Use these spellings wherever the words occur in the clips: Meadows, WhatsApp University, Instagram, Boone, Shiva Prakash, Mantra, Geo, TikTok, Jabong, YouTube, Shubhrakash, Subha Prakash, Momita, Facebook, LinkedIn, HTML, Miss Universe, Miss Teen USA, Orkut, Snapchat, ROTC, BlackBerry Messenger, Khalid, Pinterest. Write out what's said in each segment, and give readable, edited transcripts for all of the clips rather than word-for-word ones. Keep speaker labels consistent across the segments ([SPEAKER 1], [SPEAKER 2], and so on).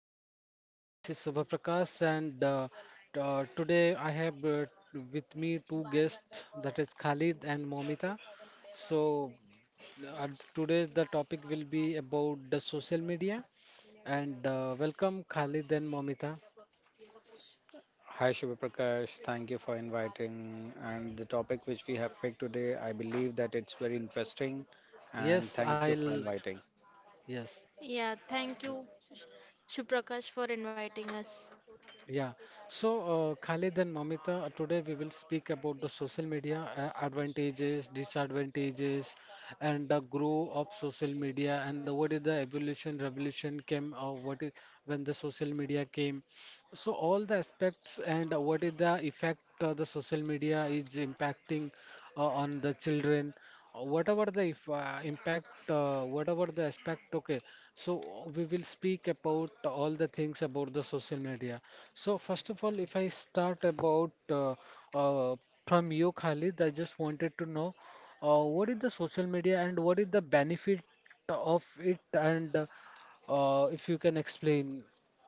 [SPEAKER 1] to my podcast. This is Subha Prakash, and today I have with me two guests, that is Khalid and Momita. So uh, today's the topic will be about the social media, and welcome Khalid and Momita.
[SPEAKER 2] Hi Shiva Prakash, thank you for inviting. And the topic which we have picked today, I believe that it's very interesting. And
[SPEAKER 1] Yes,
[SPEAKER 2] thank you for
[SPEAKER 1] I'll.
[SPEAKER 2] inviting.
[SPEAKER 1] Yes,
[SPEAKER 3] Yeah, Shubhrakash, for and
[SPEAKER 1] yeah. So, Khalid and Mamita, today we will speak about the social media advantages, disadvantages, and the growth of social media, and the, what is the evolution, revolution came, or what is when the social media came, so all the aspects and what is the effect the social media is impacting on the children, whatever the if, impact, whatever the aspect, okay. So we will speak about all the things about the social media. So first of all, if I start about uh, from you, Khalid, I just wanted to know what is the social media and what is the benefit of it, and if you can explain,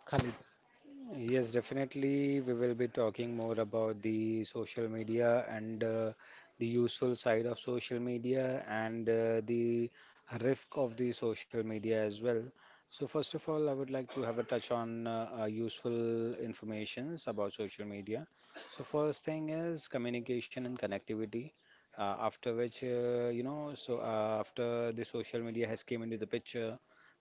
[SPEAKER 1] Khalid.
[SPEAKER 2] Yes, definitely. We will be talking more about the social media and the useful side of social media and the risk of the social media as well. So, first of all, I would like to have a touch on useful informations about social media. So, first thing is communication and connectivity. After which, you know, so after the social media has came into the picture,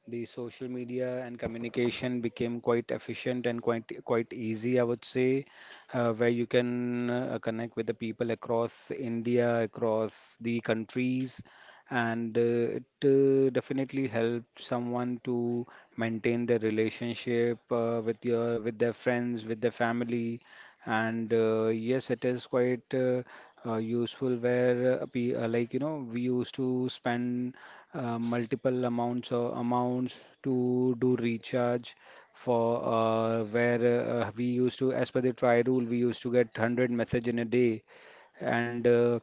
[SPEAKER 2] the social media and communication became quite efficient and quite easy, I would say, where you can connect with the people across India, across the countries, and it definitely helped someone to maintain their relationship with your with their friends, with their family, and yes, it is quite. Useful where like we used to spend multiple amounts to do recharge for where we used to, as per the try rule, we used to get 100 message in a day and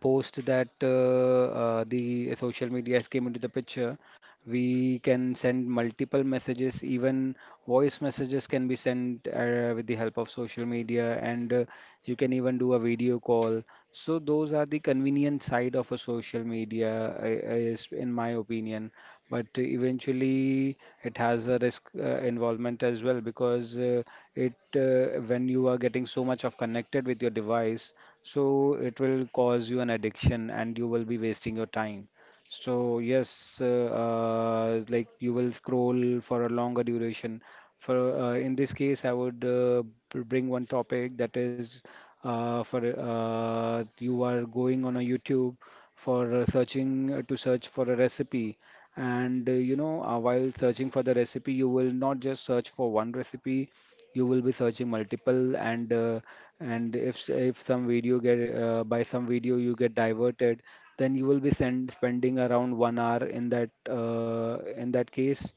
[SPEAKER 2] post that the social media has came into the picture, we can send multiple messages, even voice messages can be sent with the help of social media, and you can even do a video call. So those are the convenient side of a social media, is in my opinion. But eventually, it has a risk involvement as well, because it when you are getting so much of connected with your device, so it will cause you an addiction and you will be wasting your time. So yes, like you will scroll for a longer duration. For In this case, I would bring one topic, that is, for you are going on a YouTube for searching to search for a recipe. And while searching for the recipe, you will not just search for one recipe, you will be searching multiple, and if some video get by some video you get diverted, then you will be spending around 1 hour in that case,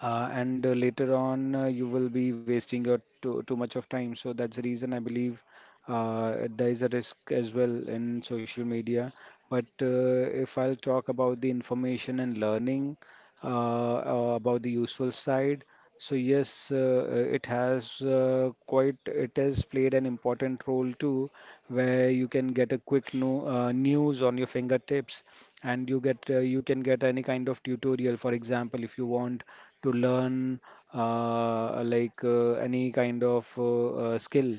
[SPEAKER 2] and later on you will be wasting your too much of time. So that's the reason, I believe, there is a risk as well in social media. But if I'll talk about the information and learning, uh, about the useful side, so yes, it has quite it has played an important role too, where you can get a quick no, news on your fingertips, and you get you can get any kind of tutorial. For example, if you want to learn like any kind of skill.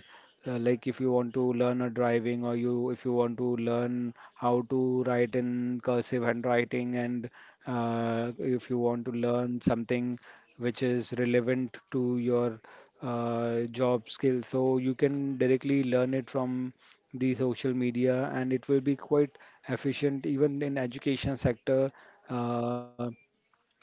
[SPEAKER 2] Like if you want to learn a driving, or you if you want to learn how to write in cursive handwriting, and if you want to learn something which is relevant to your job skill, so you can directly learn it from the social media, and it will be quite efficient. Even in education sector, uh,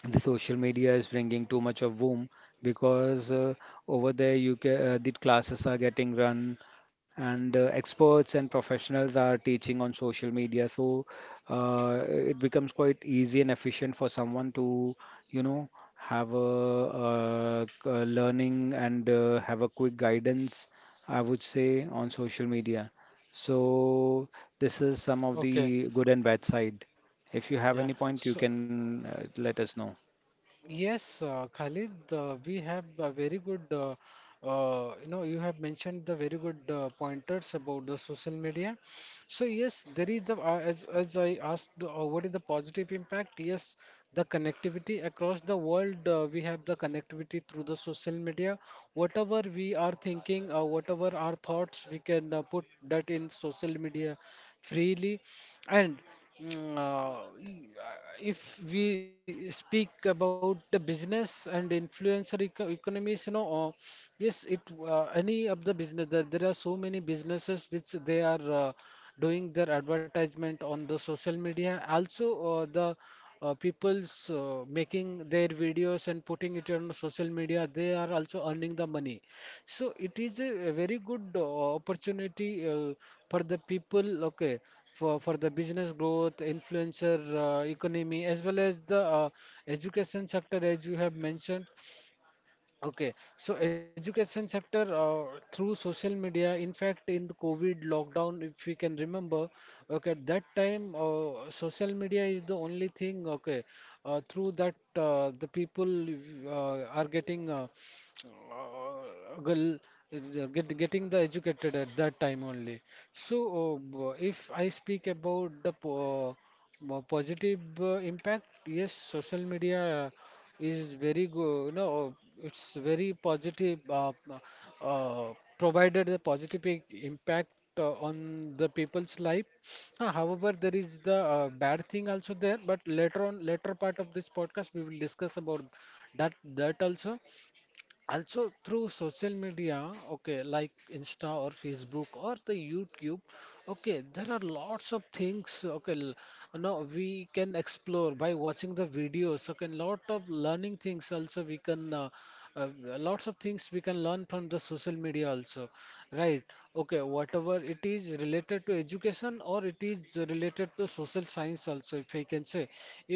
[SPEAKER 2] the social media is bringing too much of boom, because over there you the classes are getting run, and experts and professionals are teaching on social media, so it becomes quite easy and efficient for someone to, you know have a, learning, and have a quick guidance, I would say, on social media. So this is some of
[SPEAKER 1] Okay.
[SPEAKER 2] the good and bad side. If you have
[SPEAKER 1] Yeah.
[SPEAKER 2] any point, you
[SPEAKER 1] So
[SPEAKER 2] can let us know.
[SPEAKER 1] yes, Khalid, we have a very good. You know, you have mentioned the very good pointers about the social media. So yes, there is the as I asked, what is the positive impact? Yes, the connectivity across the world. We have the connectivity through the social media. Whatever we are thinking, whatever our thoughts, we can put that in social media freely and if we speak about the business and influencer economies, you know, yes, it any of the business there, there are so many businesses which they are doing their advertisement on the social media. Also, the people's making their videos and putting it on social media, they are also earning the money. So it is a very good opportunity for the people, okay, for the business growth, influencer economy, as well as the education sector, as you have mentioned. Okay, so education sector through social media. In fact, in the COVID lockdown, if we can remember, okay, at that time, social media is the only thing. Okay, through that, the people are getting. Girl is, getting the educated at that time only. So, if I speak about the positive impact, yes, social media is very good. No, it's very positive. Uh, Provided a positive impact on the people's life. However, there is the bad thing also there. But later on, later part of this podcast, we will discuss about that also, also through social media. Okay, like Insta or Facebook or the YouTube, okay, there are lots of things. Okay, no, we can explore by watching the videos. Okay, lot of learning things also we can uh, lots of things we can learn from the social media also, right. Okay, whatever it is related to education or it is related to social science also, if I can say,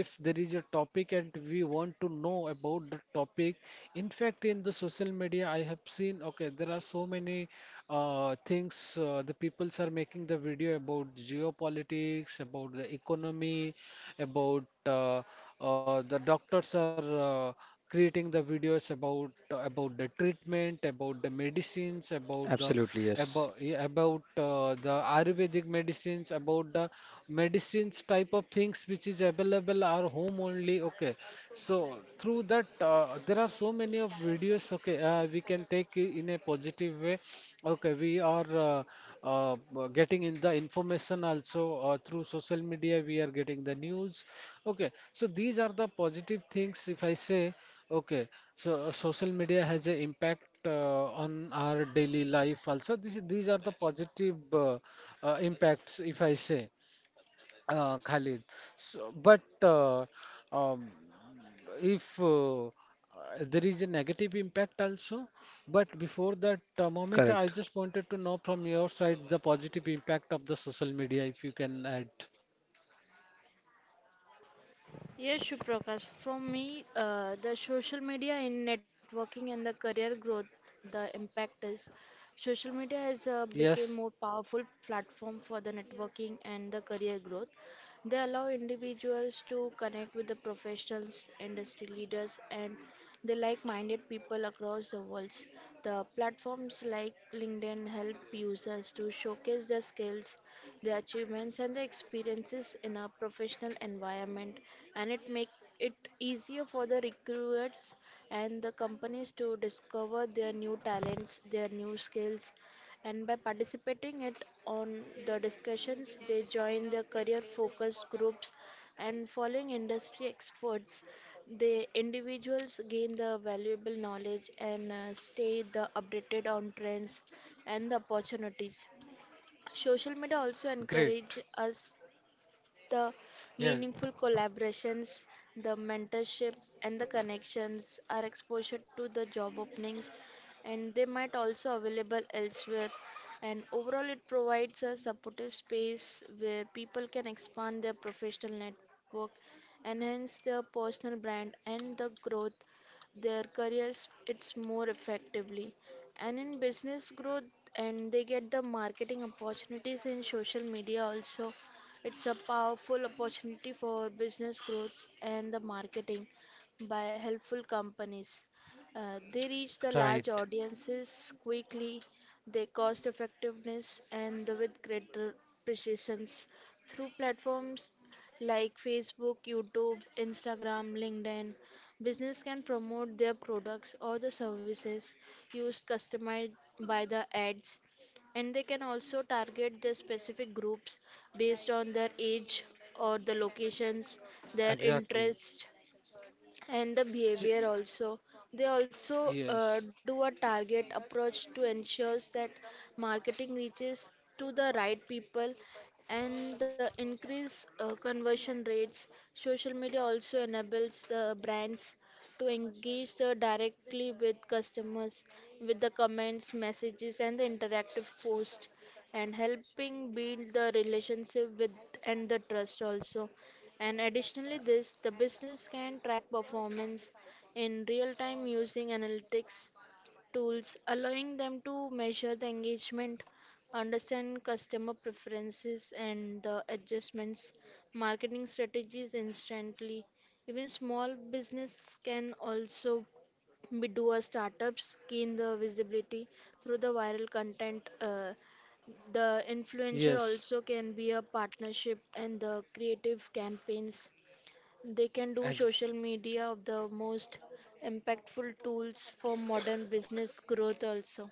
[SPEAKER 1] if there is a topic and we want to know about the topic. In fact, in the social media, I have seen, okay, there are so many things, the peoples are making the video about geopolitics, about the economy, about the doctors are creating the videos about the treatment, about the medicines, about the
[SPEAKER 2] Absolutely,
[SPEAKER 1] about,
[SPEAKER 2] yes.
[SPEAKER 1] yeah, about the Ayurvedic medicines, about the medicines type of things which is available are home only. Okay, so through that there are so many of videos. Okay, we can take it in a positive way. Okay, we are getting in the information also through social media. We are getting the news. Okay, so these are the positive things. If I say, okay, so social media has an impact on our daily life also. These are the positive impacts. If I say, Khalid. So, but um, if there is a negative impact also. But before that, Momita, I
[SPEAKER 2] Correct.
[SPEAKER 1] just wanted to know from your side the positive impact of the social media, if you can add.
[SPEAKER 3] yes, Shubhrakash. From me, the social media in networking and the career growth, the impact is social media has
[SPEAKER 1] Yes,
[SPEAKER 3] become more powerful platform for the networking and the career growth. They allow individuals to connect with the professionals, industry leaders, and the like-minded people across the world. The platforms like LinkedIn help users to showcase their skills, the achievements and the experiences in a professional environment, and it make it easier for the recruiters and the companies to discover their new talents, their new skills, and by participating it on the discussions they join their career focused groups and following industry experts, the individuals gain the valuable knowledge and stay the updated on trends and the opportunities. Social media also
[SPEAKER 1] great.
[SPEAKER 3] encourage us the
[SPEAKER 1] Yeah,
[SPEAKER 3] meaningful collaborations, the mentorship, and the connections are exposure to the job openings, and they might also available elsewhere. And overall, it provides a supportive space where people can expand their professional network, enhance their personal brand, and the growth their careers it's more effectively, and in business growth and they get the marketing opportunities in social media also. It's a powerful opportunity for business growth and the marketing by helpful companies. They reach the large
[SPEAKER 1] right.
[SPEAKER 3] audiences quickly, their cost effectiveness, and the with greater precisions through platforms like Facebook, YouTube, Instagram, LinkedIn. Business can promote their products or the services used customized by the ads, and they can also target the specific groups based on their age or the locations, their
[SPEAKER 1] Exactly.
[SPEAKER 3] interests, and the behavior
[SPEAKER 1] J-
[SPEAKER 3] also. They also
[SPEAKER 1] Yes,
[SPEAKER 3] do a target approach to ensures that marketing reaches to the right people and the increase conversion rates. Social media also enables the brands to engage directly with customers with the comments, messages and the interactive post, and helping build the relationship with and the trust also. And additionally this, the business can track performance in real time using analytics tools, allowing them to measure the engagement, understand customer preferences and the adjustments, marketing strategies instantly. Even small business can also be do a startups gain the visibility through the viral content, the influencer also
[SPEAKER 1] yes.
[SPEAKER 3] can be a partnership and the creative campaigns they can do social
[SPEAKER 1] Ex
[SPEAKER 3] media of the most impactful tools for modern business growth also.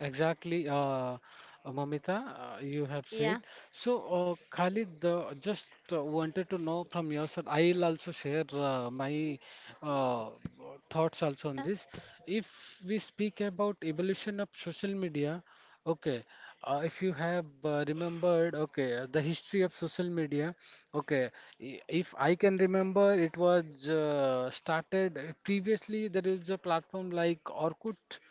[SPEAKER 1] Exactly, Momita, you have
[SPEAKER 3] Yeah.
[SPEAKER 1] said. So, Khalid, just wanted to know from your side. I'll also share my uh, thoughts also on
[SPEAKER 3] Yeah.
[SPEAKER 1] this. If we speak about evolution of social media, okay, if you have remembered, okay, the history of social media, okay, if I can remember, it was started previously. There is a platform like Orkut.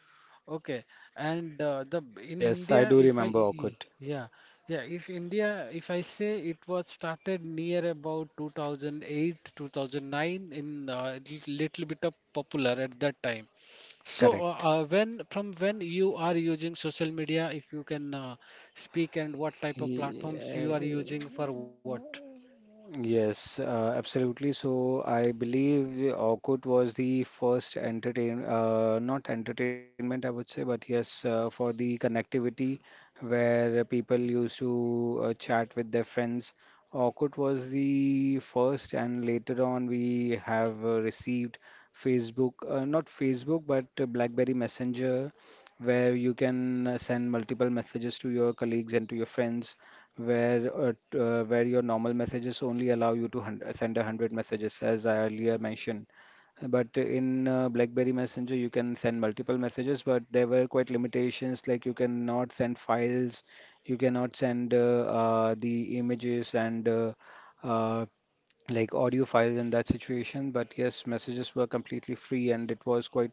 [SPEAKER 1] Okay, and the in
[SPEAKER 2] Yes, I
[SPEAKER 1] India,
[SPEAKER 2] do
[SPEAKER 1] if I
[SPEAKER 2] remember
[SPEAKER 1] e- e,
[SPEAKER 2] Orkut.
[SPEAKER 1] yeah yeah, if India, if I say, it was started near about 2008, 2009 in uh, little bit of popular at that time. So
[SPEAKER 2] Correct.
[SPEAKER 1] when from when you are using social media, if you can speak, and what type of
[SPEAKER 2] He,
[SPEAKER 1] platforms you are
[SPEAKER 2] eh,
[SPEAKER 1] using for what?
[SPEAKER 2] Yes, absolutely. So I believe Orkut was the first entertain, not entertainment, I would say, but yes, for the connectivity, where people used to chat with their friends. Orkut was the first, and later on we have received Facebook, not Facebook, but BlackBerry Messenger, where you can send multiple messages to your colleagues and to your friends, where where your normal messages only allow you to send a hundred messages, as I earlier mentioned. But in BlackBerry Messenger, you can send multiple messages, but there were quite limitations, like you cannot send files, you cannot send the images and uh, like audio files in that situation. But yes, messages were completely free and it was quite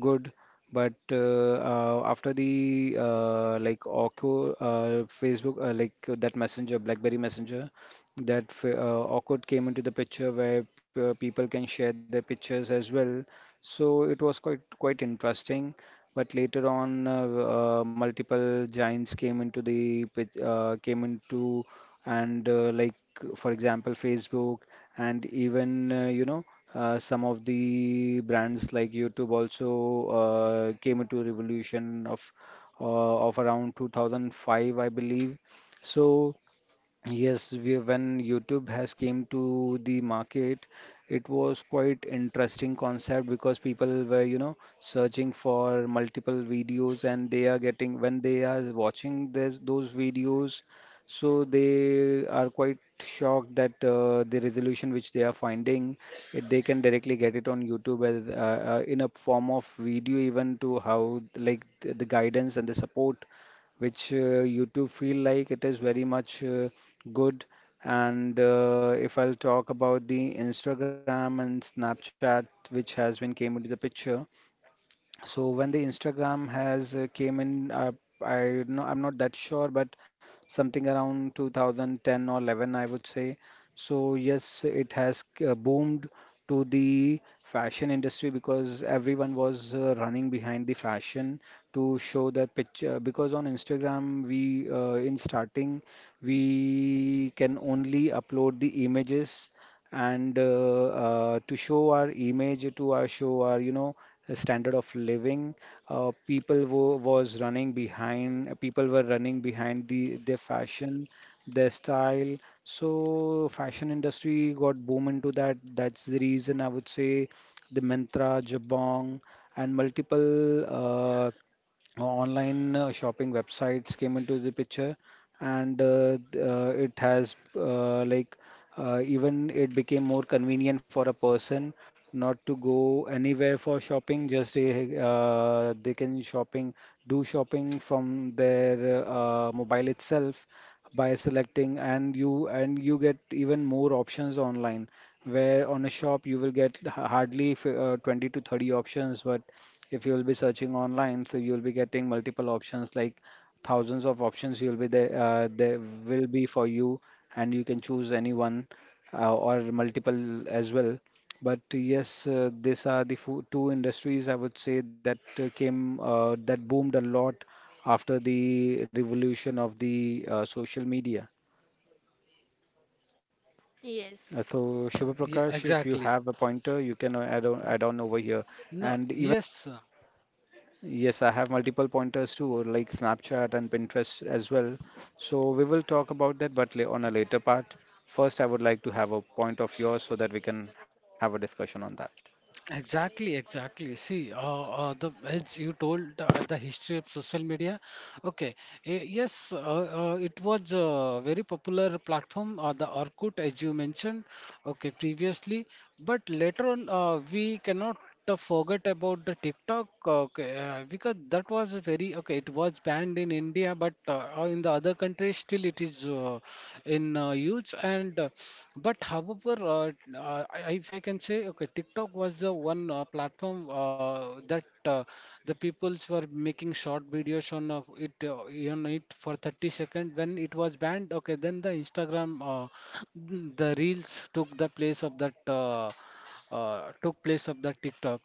[SPEAKER 2] good. But after the like Orkut, Facebook, like that Messenger, BlackBerry Messenger, Orkut came into the picture, where people can share their pictures as well. So it was quite interesting. But later on, multiple giants came into came into, and like, for example, Facebook, and even some of the brands like YouTube also came into revolution of around 2005, I believe. So yes, when YouTube has came to the market, it was quite interesting concept, because people were, searching for multiple videos, and they are getting, when they are watching those videos, so they are quite shocked that the resolution which they are finding, they can directly get it on YouTube as in a form of video, even to how like the guidance and the support which you do feel like it is very much good. And if I'll talk about the Instagram and Snapchat, which has been came into the picture, so when the Instagram has came in, I'm not that sure, but something around 2010 or 11, I would say. So yes, it has boomed to the fashion industry, because everyone was running behind the fashion, to show their picture. Because on Instagram, we in starting we can only upload the images, and to show our image to our, show our, standard of living. People were running behind their fashion, their style. So fashion industry got boom into that. That's the reason, I would say, the Mantra, Jabong, and multiple online shopping websites came into the picture, and it has even it became more convenient for a person, not to go anywhere for shopping, just they can shopping do shopping from their mobile itself, by selecting, and you get even more options online, where on a shop you will get hardly 20 to 30 options, but if you'll be searching online, so you'll be getting multiple options, like thousands of options there will be for you, and you can choose any one, or multiple as well. But yes, these are the fo two industries, I would say, that came that boomed a lot after the revolution of the social media.
[SPEAKER 3] Yes.
[SPEAKER 2] So Shubha
[SPEAKER 1] Yeah,
[SPEAKER 2] Prakash, if you
[SPEAKER 1] exactly.
[SPEAKER 2] have a pointer, you can add on over here.
[SPEAKER 1] No,
[SPEAKER 2] And
[SPEAKER 1] yes.
[SPEAKER 2] Yes, I have multiple pointers too, like Snapchat and Pinterest as well. So we will talk about that, but on a later part. First, I would like to have a point of yours, so that we can have a discussion on that.
[SPEAKER 1] Exactly, exactly. See, the as you told the history of social media, okay, eh, yes, it was a very popular platform, the Orkut, as you mentioned, okay, previously, but later on, we cannot the forget about the TikTok, okay, because that was a very, okay. It was banned in India, but in the other countries still it is in use. And but however, if I can say, okay, TikTok was the one platform that the peoples were making short videos on it for 30 seconds. When it was banned, okay, then the Instagram, the reels took the place of that. Took place of the TikTok.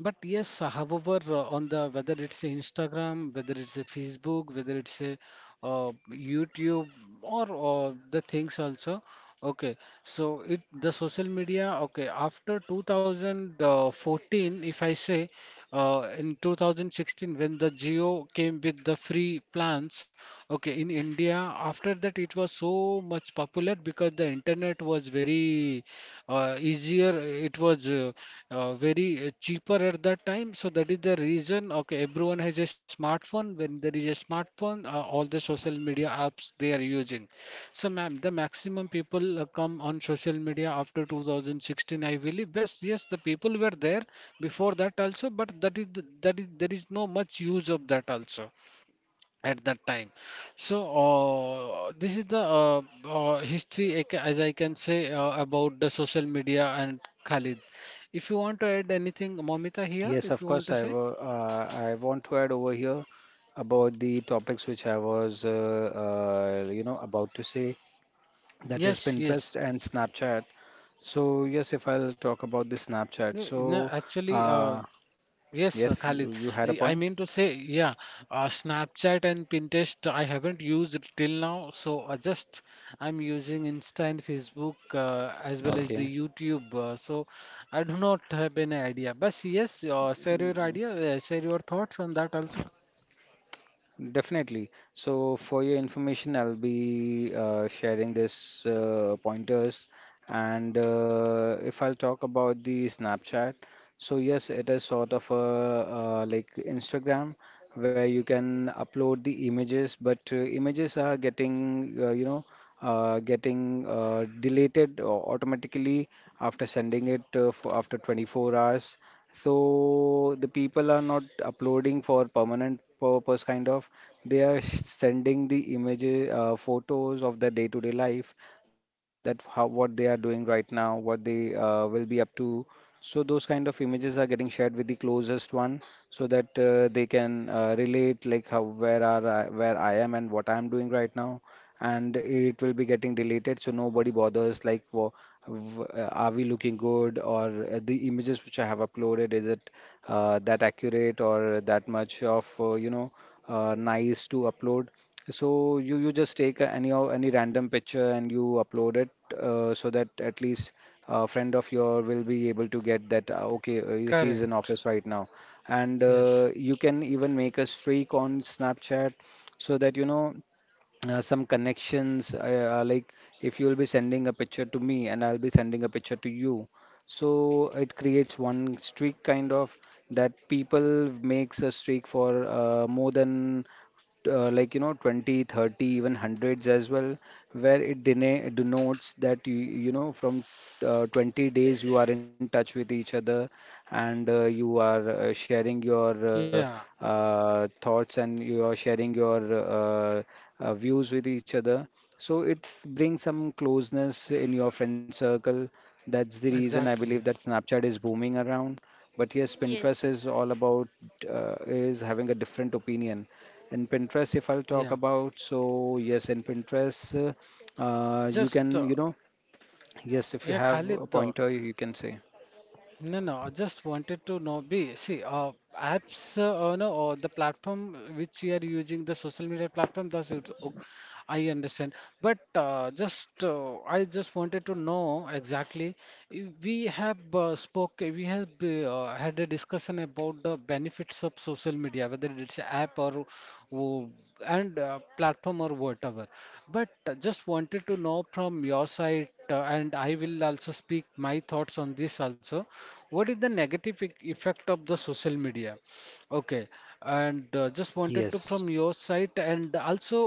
[SPEAKER 1] But yes, however, on the whether it's a Instagram, whether it's a Facebook, whether it's a YouTube or the things also. Okay, so it the social media. Okay, after 2014, if I say, in 2016 when the Geo came with the free plans, okay, in India. After that, it was so much popular because the internet was very easier, it was very cheaper at that time. So that is the reason, okay, everyone has a smartphone. When there is a smartphone, all the social media apps they are using. So, ma'am, the maximum people come on social media after 2016, I believe. Yes, yes, the people were there before that also, but that is there is no much use of that also at that time. So, this is the history, as I can say, about the social media and Khalid. If you want to add anything, Momita here,
[SPEAKER 2] Yes,
[SPEAKER 1] if
[SPEAKER 2] of
[SPEAKER 1] you want
[SPEAKER 2] course.
[SPEAKER 1] to say.
[SPEAKER 2] I want to add over here about the topics which I was, about to say. That is
[SPEAKER 1] Yes, yes.
[SPEAKER 2] Pinterest and Snapchat. So yes, if I'll talk about the Snapchat.
[SPEAKER 1] No, no,
[SPEAKER 2] So
[SPEAKER 1] actually,
[SPEAKER 2] uh,
[SPEAKER 1] yes,
[SPEAKER 2] yes,
[SPEAKER 1] Khalid.
[SPEAKER 2] you had a
[SPEAKER 1] I
[SPEAKER 2] point.
[SPEAKER 1] mean to say, yeah, Snapchat and Pinterest I haven't used it till now, so I just I'm using Insta and Facebook as well as
[SPEAKER 2] Okay.
[SPEAKER 1] the YouTube. So I do not have any idea. But yes, share your idea, share your thoughts on that also.
[SPEAKER 2] Definitely. So, for your information, I'll be sharing this pointers. And if I'll talk about the Snapchat, so yes, it is sort of a like Instagram, where you can upload the images, but images are getting deleted automatically after sending it, for after 24 hours. So the people are not uploading for permanent purpose, kind of. They are sending the images, photos of their day-to-day life, that how what they are doing right now, what they will be up to. So those kind of images are getting shared with the closest one, so that they can relate like how where are I, where I am and what I am doing right now, and it will be getting deleted, so nobody bothers like are we looking good, or the images which I have uploaded, is it that accurate or that much of nice to upload? So you just take any of any random picture and you upload it, so that at least a friend of your will be able to get that, okay, he's in
[SPEAKER 1] Correct.
[SPEAKER 2] office right now. And
[SPEAKER 1] Yes.
[SPEAKER 2] you can even make a streak on Snapchat so that some connections, like if you'll be sending a picture to me and I'll be sending a picture to you, so it creates one streak kind of, that people makes a streak for more than, like, you know, 20, 30, even hundreds as well, where it denotes that you know, from 20 days you are in touch with each other, and you are sharing your
[SPEAKER 1] Yeah.
[SPEAKER 2] thoughts, and you are sharing your uh, views with each other. So it brings some closeness in your friend circle. That's the reason I
[SPEAKER 1] Exactly.
[SPEAKER 2] believe that Snapchat is booming around. But yes,
[SPEAKER 3] Yes.
[SPEAKER 2] Pinterest is all about, is having a different opinion. In Pinterest, if I'll
[SPEAKER 1] Yeah.
[SPEAKER 2] talk about, so yes, in Pinterest, you
[SPEAKER 1] Just
[SPEAKER 2] can, you know, yes, if
[SPEAKER 1] yeah,
[SPEAKER 2] you have a
[SPEAKER 1] Khalid.
[SPEAKER 2] pointer, you can say.
[SPEAKER 1] No, no, I just wanted to know, B, see, apps, no, or the platform which you are using, the social media platform, that's it. O- I understand. But I just wanted to know exactly. We have we have had a discussion about the benefits of social media, whether it's app or w- and platform or whatever. But just wanted to know from your side, and I will also speak my thoughts on this also. What is the negative effect of the social media? Okay, and just wanted to from
[SPEAKER 2] Yes,
[SPEAKER 1] your side, and also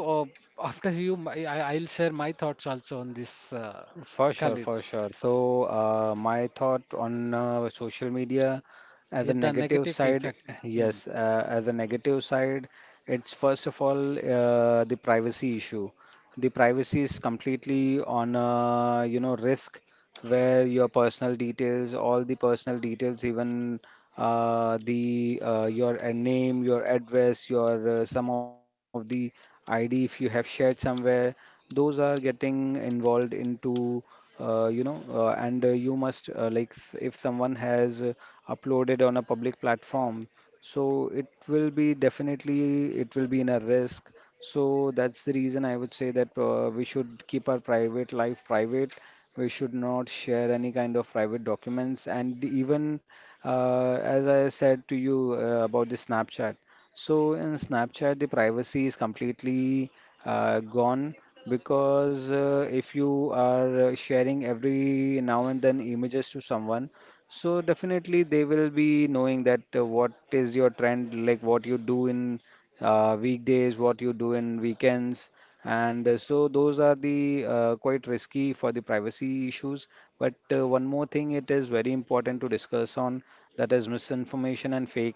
[SPEAKER 1] after you, my, I, I'll share my thoughts also on this,
[SPEAKER 2] for sure,
[SPEAKER 1] Khalid.
[SPEAKER 2] for sure. So, my thought on social media. At the
[SPEAKER 1] Yeah, the
[SPEAKER 2] negative
[SPEAKER 1] negative
[SPEAKER 2] side,
[SPEAKER 1] effect. Hmm.
[SPEAKER 2] yes, at the negative side, it's first of all the privacy issue. The privacy is completely on a, you know, risk, where your personal details, all the personal details, even the your name, your address, your some of the ID if you have shared somewhere, those are getting involved into, and you must, like, if someone has uploaded on a public platform. So it will be definitely, it will be in a risk. So that's the reason I would say that we should keep our private life private. We should not share any kind of private documents. And even, as I said to you about the Snapchat. So in Snapchat, the privacy is completely gone, because if you are sharing every now and then images to someone, so definitely they will be knowing that what is your trend, like what you do in weekdays, what you do in weekends, and so those are the, quite risky for the privacy issues. But one more thing, it is very important to discuss on, that is misinformation and fake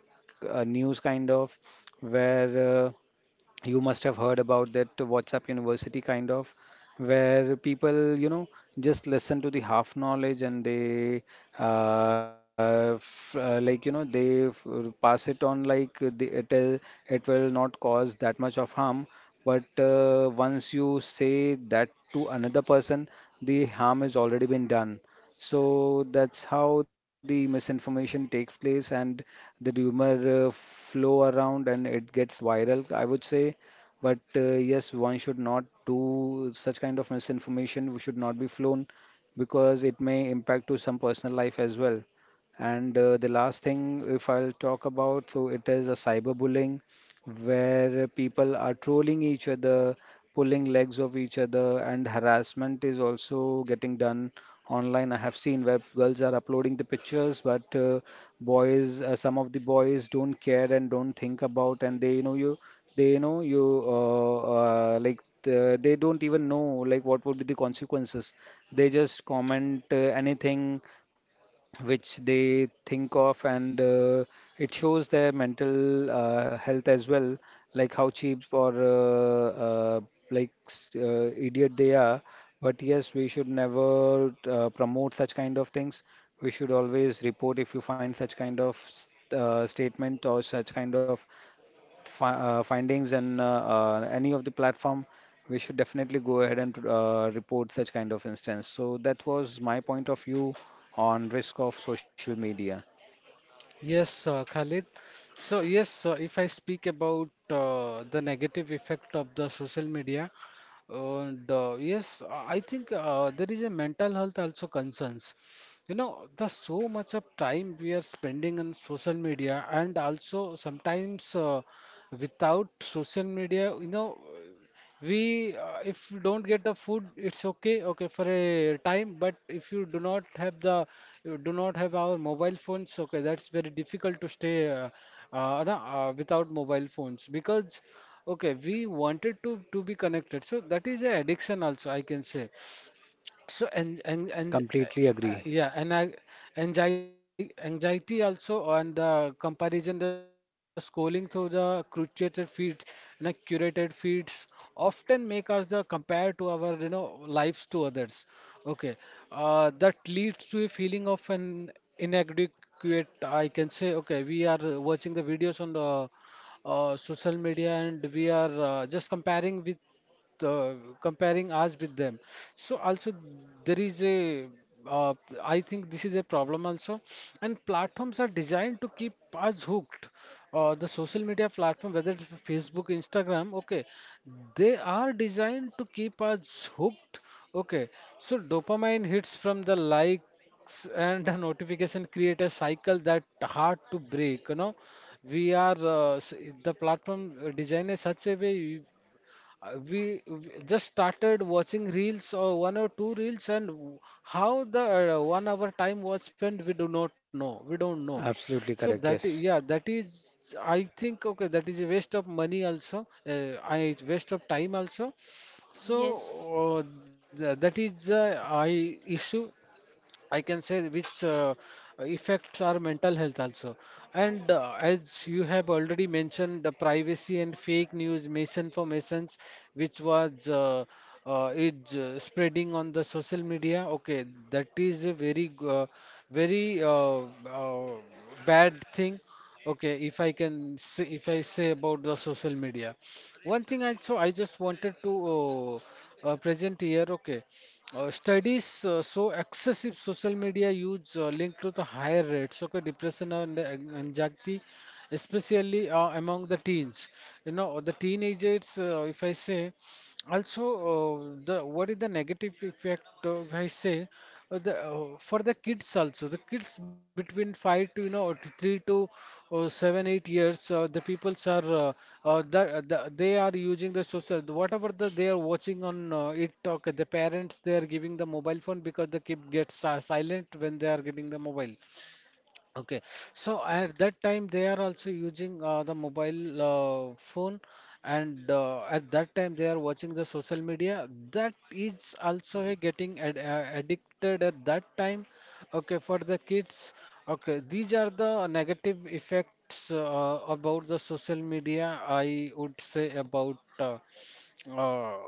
[SPEAKER 2] news kind of, where. You must have heard about that WhatsApp University kind of, where people, you know, just listen to the half knowledge, and they, f like, you know, they f pass it on, like it will not cause that much of harm. But once you say that to another person, the harm has already been done. So that's how the misinformation takes place, and the rumor flow around and it gets viral, I would say. But yes, one should not do such kind of misinformation. We should not be flown, because it may impact to some personal life as well. And the last thing, if I'll talk about, so it is a cyberbullying, where people are trolling each other, pulling legs of each other, and harassment is also getting done online. I have seen where girls are uploading the pictures, but boys, some of the boys don't care and don't think about, and they, you know, you, they, you know, you, like, the, they don't even know like what would be the consequences. They just comment anything which they think of, and it shows their mental health as well, like how cheap, or like idiot they are. But yes, we should never promote such kind of things. We should always report if you find such kind of statement, or such kind of findings in any of the platform, we should definitely go ahead and report such kind of instance. So that was my point of view on risk of social media.
[SPEAKER 1] Yes, Khalid. So yes, if I speak about the negative effect of the social media, and yes, I think there is a mental health also concerns. You know, the so much of time we are spending on social media, and also sometimes without social media, you know, we if you don't get the food, it's okay, okay for a time. But if you do not have the, you do not have our mobile phones, okay, that's very difficult to stay without mobile phones because, okay, we wanted to be connected. So that is a addiction also, I can say. So and,
[SPEAKER 2] Completely agree.
[SPEAKER 1] yeah, and I anxiety also on the comparison, the scrolling through the curated feeds, curated feeds often make us the compare to our lives to others. Okay, that leads to a feeling of an inadequate. I can say, okay, we are watching the videos on the social media, and we are just uh, comparing us with them. So also there is a, uh, I think this is a problem also, and platforms are designed to keep us hooked. The social media platform, whether it's Facebook, Instagram, okay, they are designed to keep us hooked. Okay, so dopamine hits from the likes and the notification create a cycle that hard to break. We are the platform designed in such a way, we just started watching reels or one or two reels and how the 1 hour time was spent, we do not know, we don't know.
[SPEAKER 2] Absolutely
[SPEAKER 1] So
[SPEAKER 2] correct.
[SPEAKER 1] that is,
[SPEAKER 2] Yes.
[SPEAKER 1] yeah, that is, I think, okay, that is a waste of money also, I waste of time also. So
[SPEAKER 3] Yes.
[SPEAKER 1] uh, that is the I issue, I can say, which affects our mental health also. And as you have already mentioned, the privacy and fake news, misinformations, which was is spreading on the social media. Okay, that is a very very uh, bad thing. Okay, if I can say, if I say about the social media, one thing I so I just wanted to present here. Okay, studies show excessive social media use linked to the higher rates of depression and anxiety, especially among the teens. You know, the teenagers, if I say, also, the what is the negative effect, if I say, the for the kids also, the kids between 5 to 3 to 7 8 years, the peoples are they are using the social, whatever the they are watching on, it talk, the parents they are giving the mobile phone because the kid gets silent when they are getting the mobile. Okay, so at that time they are also using the mobile phone, and at that time they are watching the social media. That is also a getting ad addicted at that time. Okay, for the kids. Okay, these are the negative effects about the social media. I would say about uh,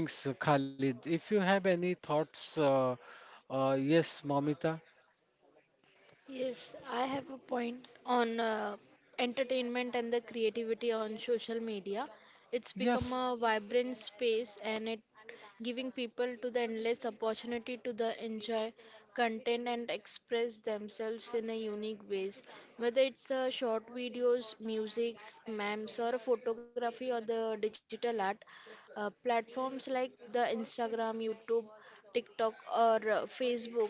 [SPEAKER 1] things, Khalid. If you have any thoughts, yes, Mamita.
[SPEAKER 3] Yes, I have a point on entertainment and the creativity on social media. It's become a
[SPEAKER 1] Yes.
[SPEAKER 3] vibrant space and it giving people to the endless opportunity to the enjoy content and express themselves in a unique ways. Whether it's short videos, music, memes or photography or the digital art, platforms like the Instagram, YouTube, TikTok or Facebook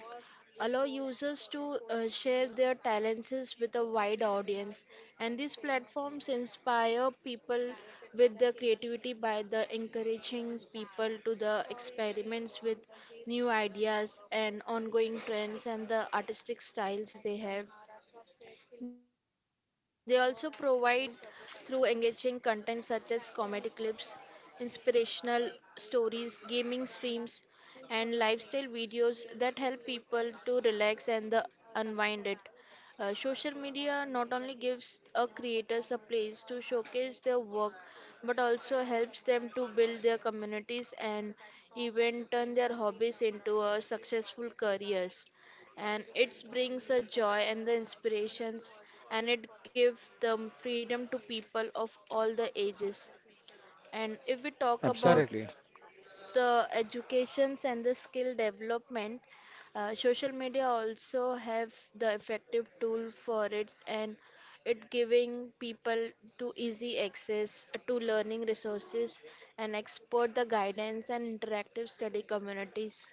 [SPEAKER 3] allow users to share their talents with a wide audience. And these platforms inspire people with their creativity by the encouraging people to the experiments with new ideas and ongoing trends and the artistic styles they have. They also provide through engaging content such as comedy clips, inspirational stories, gaming streams, and lifestyle videos that help people to relax and the unwind it. Social media not only gives a creators a place to showcase their work, but also helps them to build their communities and even turn their hobbies into a successful careers, and it brings a joy and the inspirations, and it gives the freedom to people of all the ages. And if we talk about
[SPEAKER 1] Correct.
[SPEAKER 2] Absolutely.
[SPEAKER 3] the educations and the skill development, social media also have the effective tool for it, and it giving people to easy access to learning resources and export the guidance and interactive study communities.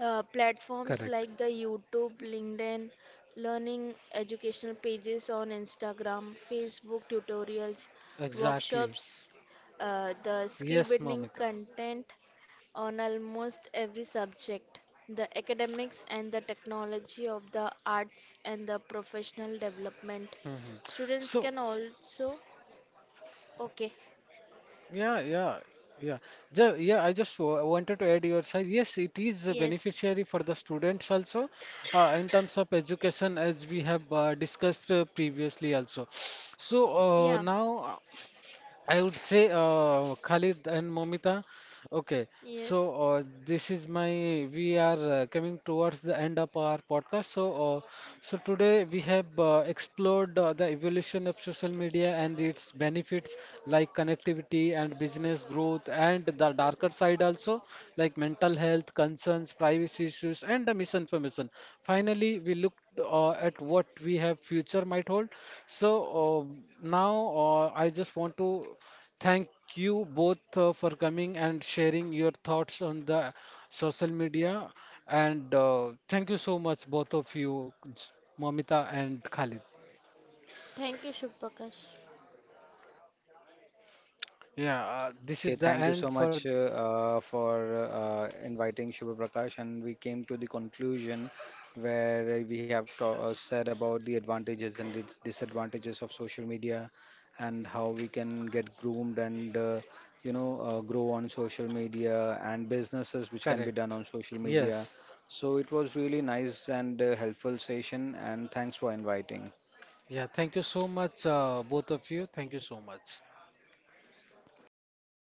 [SPEAKER 3] Uh, platforms
[SPEAKER 2] Correct.
[SPEAKER 3] like the YouTube, LinkedIn, learning educational pages on Instagram, Facebook tutorials,
[SPEAKER 1] Exactly.
[SPEAKER 3] workshops, the skill
[SPEAKER 1] Yes,
[SPEAKER 3] building
[SPEAKER 1] Mamita.
[SPEAKER 3] content on almost every subject, the academics and the technology of the arts and the professional
[SPEAKER 1] Hmm.
[SPEAKER 3] development.
[SPEAKER 1] So,
[SPEAKER 3] Students can also, okay,
[SPEAKER 1] yeah, yeah, yeah. Yeah, I just w wanted to add your side. Yes, it is a beneficiary
[SPEAKER 3] yes,
[SPEAKER 1] for the students also, in terms of education, as we have discussed previously also. So,
[SPEAKER 3] yeah,
[SPEAKER 1] now I would say Khalid and Momita. Okay,
[SPEAKER 3] yes.
[SPEAKER 1] so this is my we are coming towards the end of our podcast. So today we have explored the evolution of social media and its benefits like connectivity and business growth, and the darker side also like mental health concerns, privacy issues, and the misinformation. Finally, we looked at what we have future might hold. So uh, now, I just want to thank you both for coming and sharing your thoughts on the social media. And thank you so much, both of you, Momita and Khalid.
[SPEAKER 3] Thank you, Shubhakash.
[SPEAKER 1] Yeah, this is
[SPEAKER 2] Okay,
[SPEAKER 1] the
[SPEAKER 2] thank you so
[SPEAKER 1] end for.
[SPEAKER 2] much, for inviting Shubha Prakash, and we came to the conclusion where we have ta said about the advantages and disadvantages of social media, and how we can get groomed, and grow on social media, and businesses which can be done
[SPEAKER 1] Correct.
[SPEAKER 2] on social media.
[SPEAKER 1] Yes.
[SPEAKER 2] So it was really nice and helpful session, and thanks for inviting.
[SPEAKER 1] Yeah, thank you so much, both of you. Thank you so much.
[SPEAKER 3] Thank you.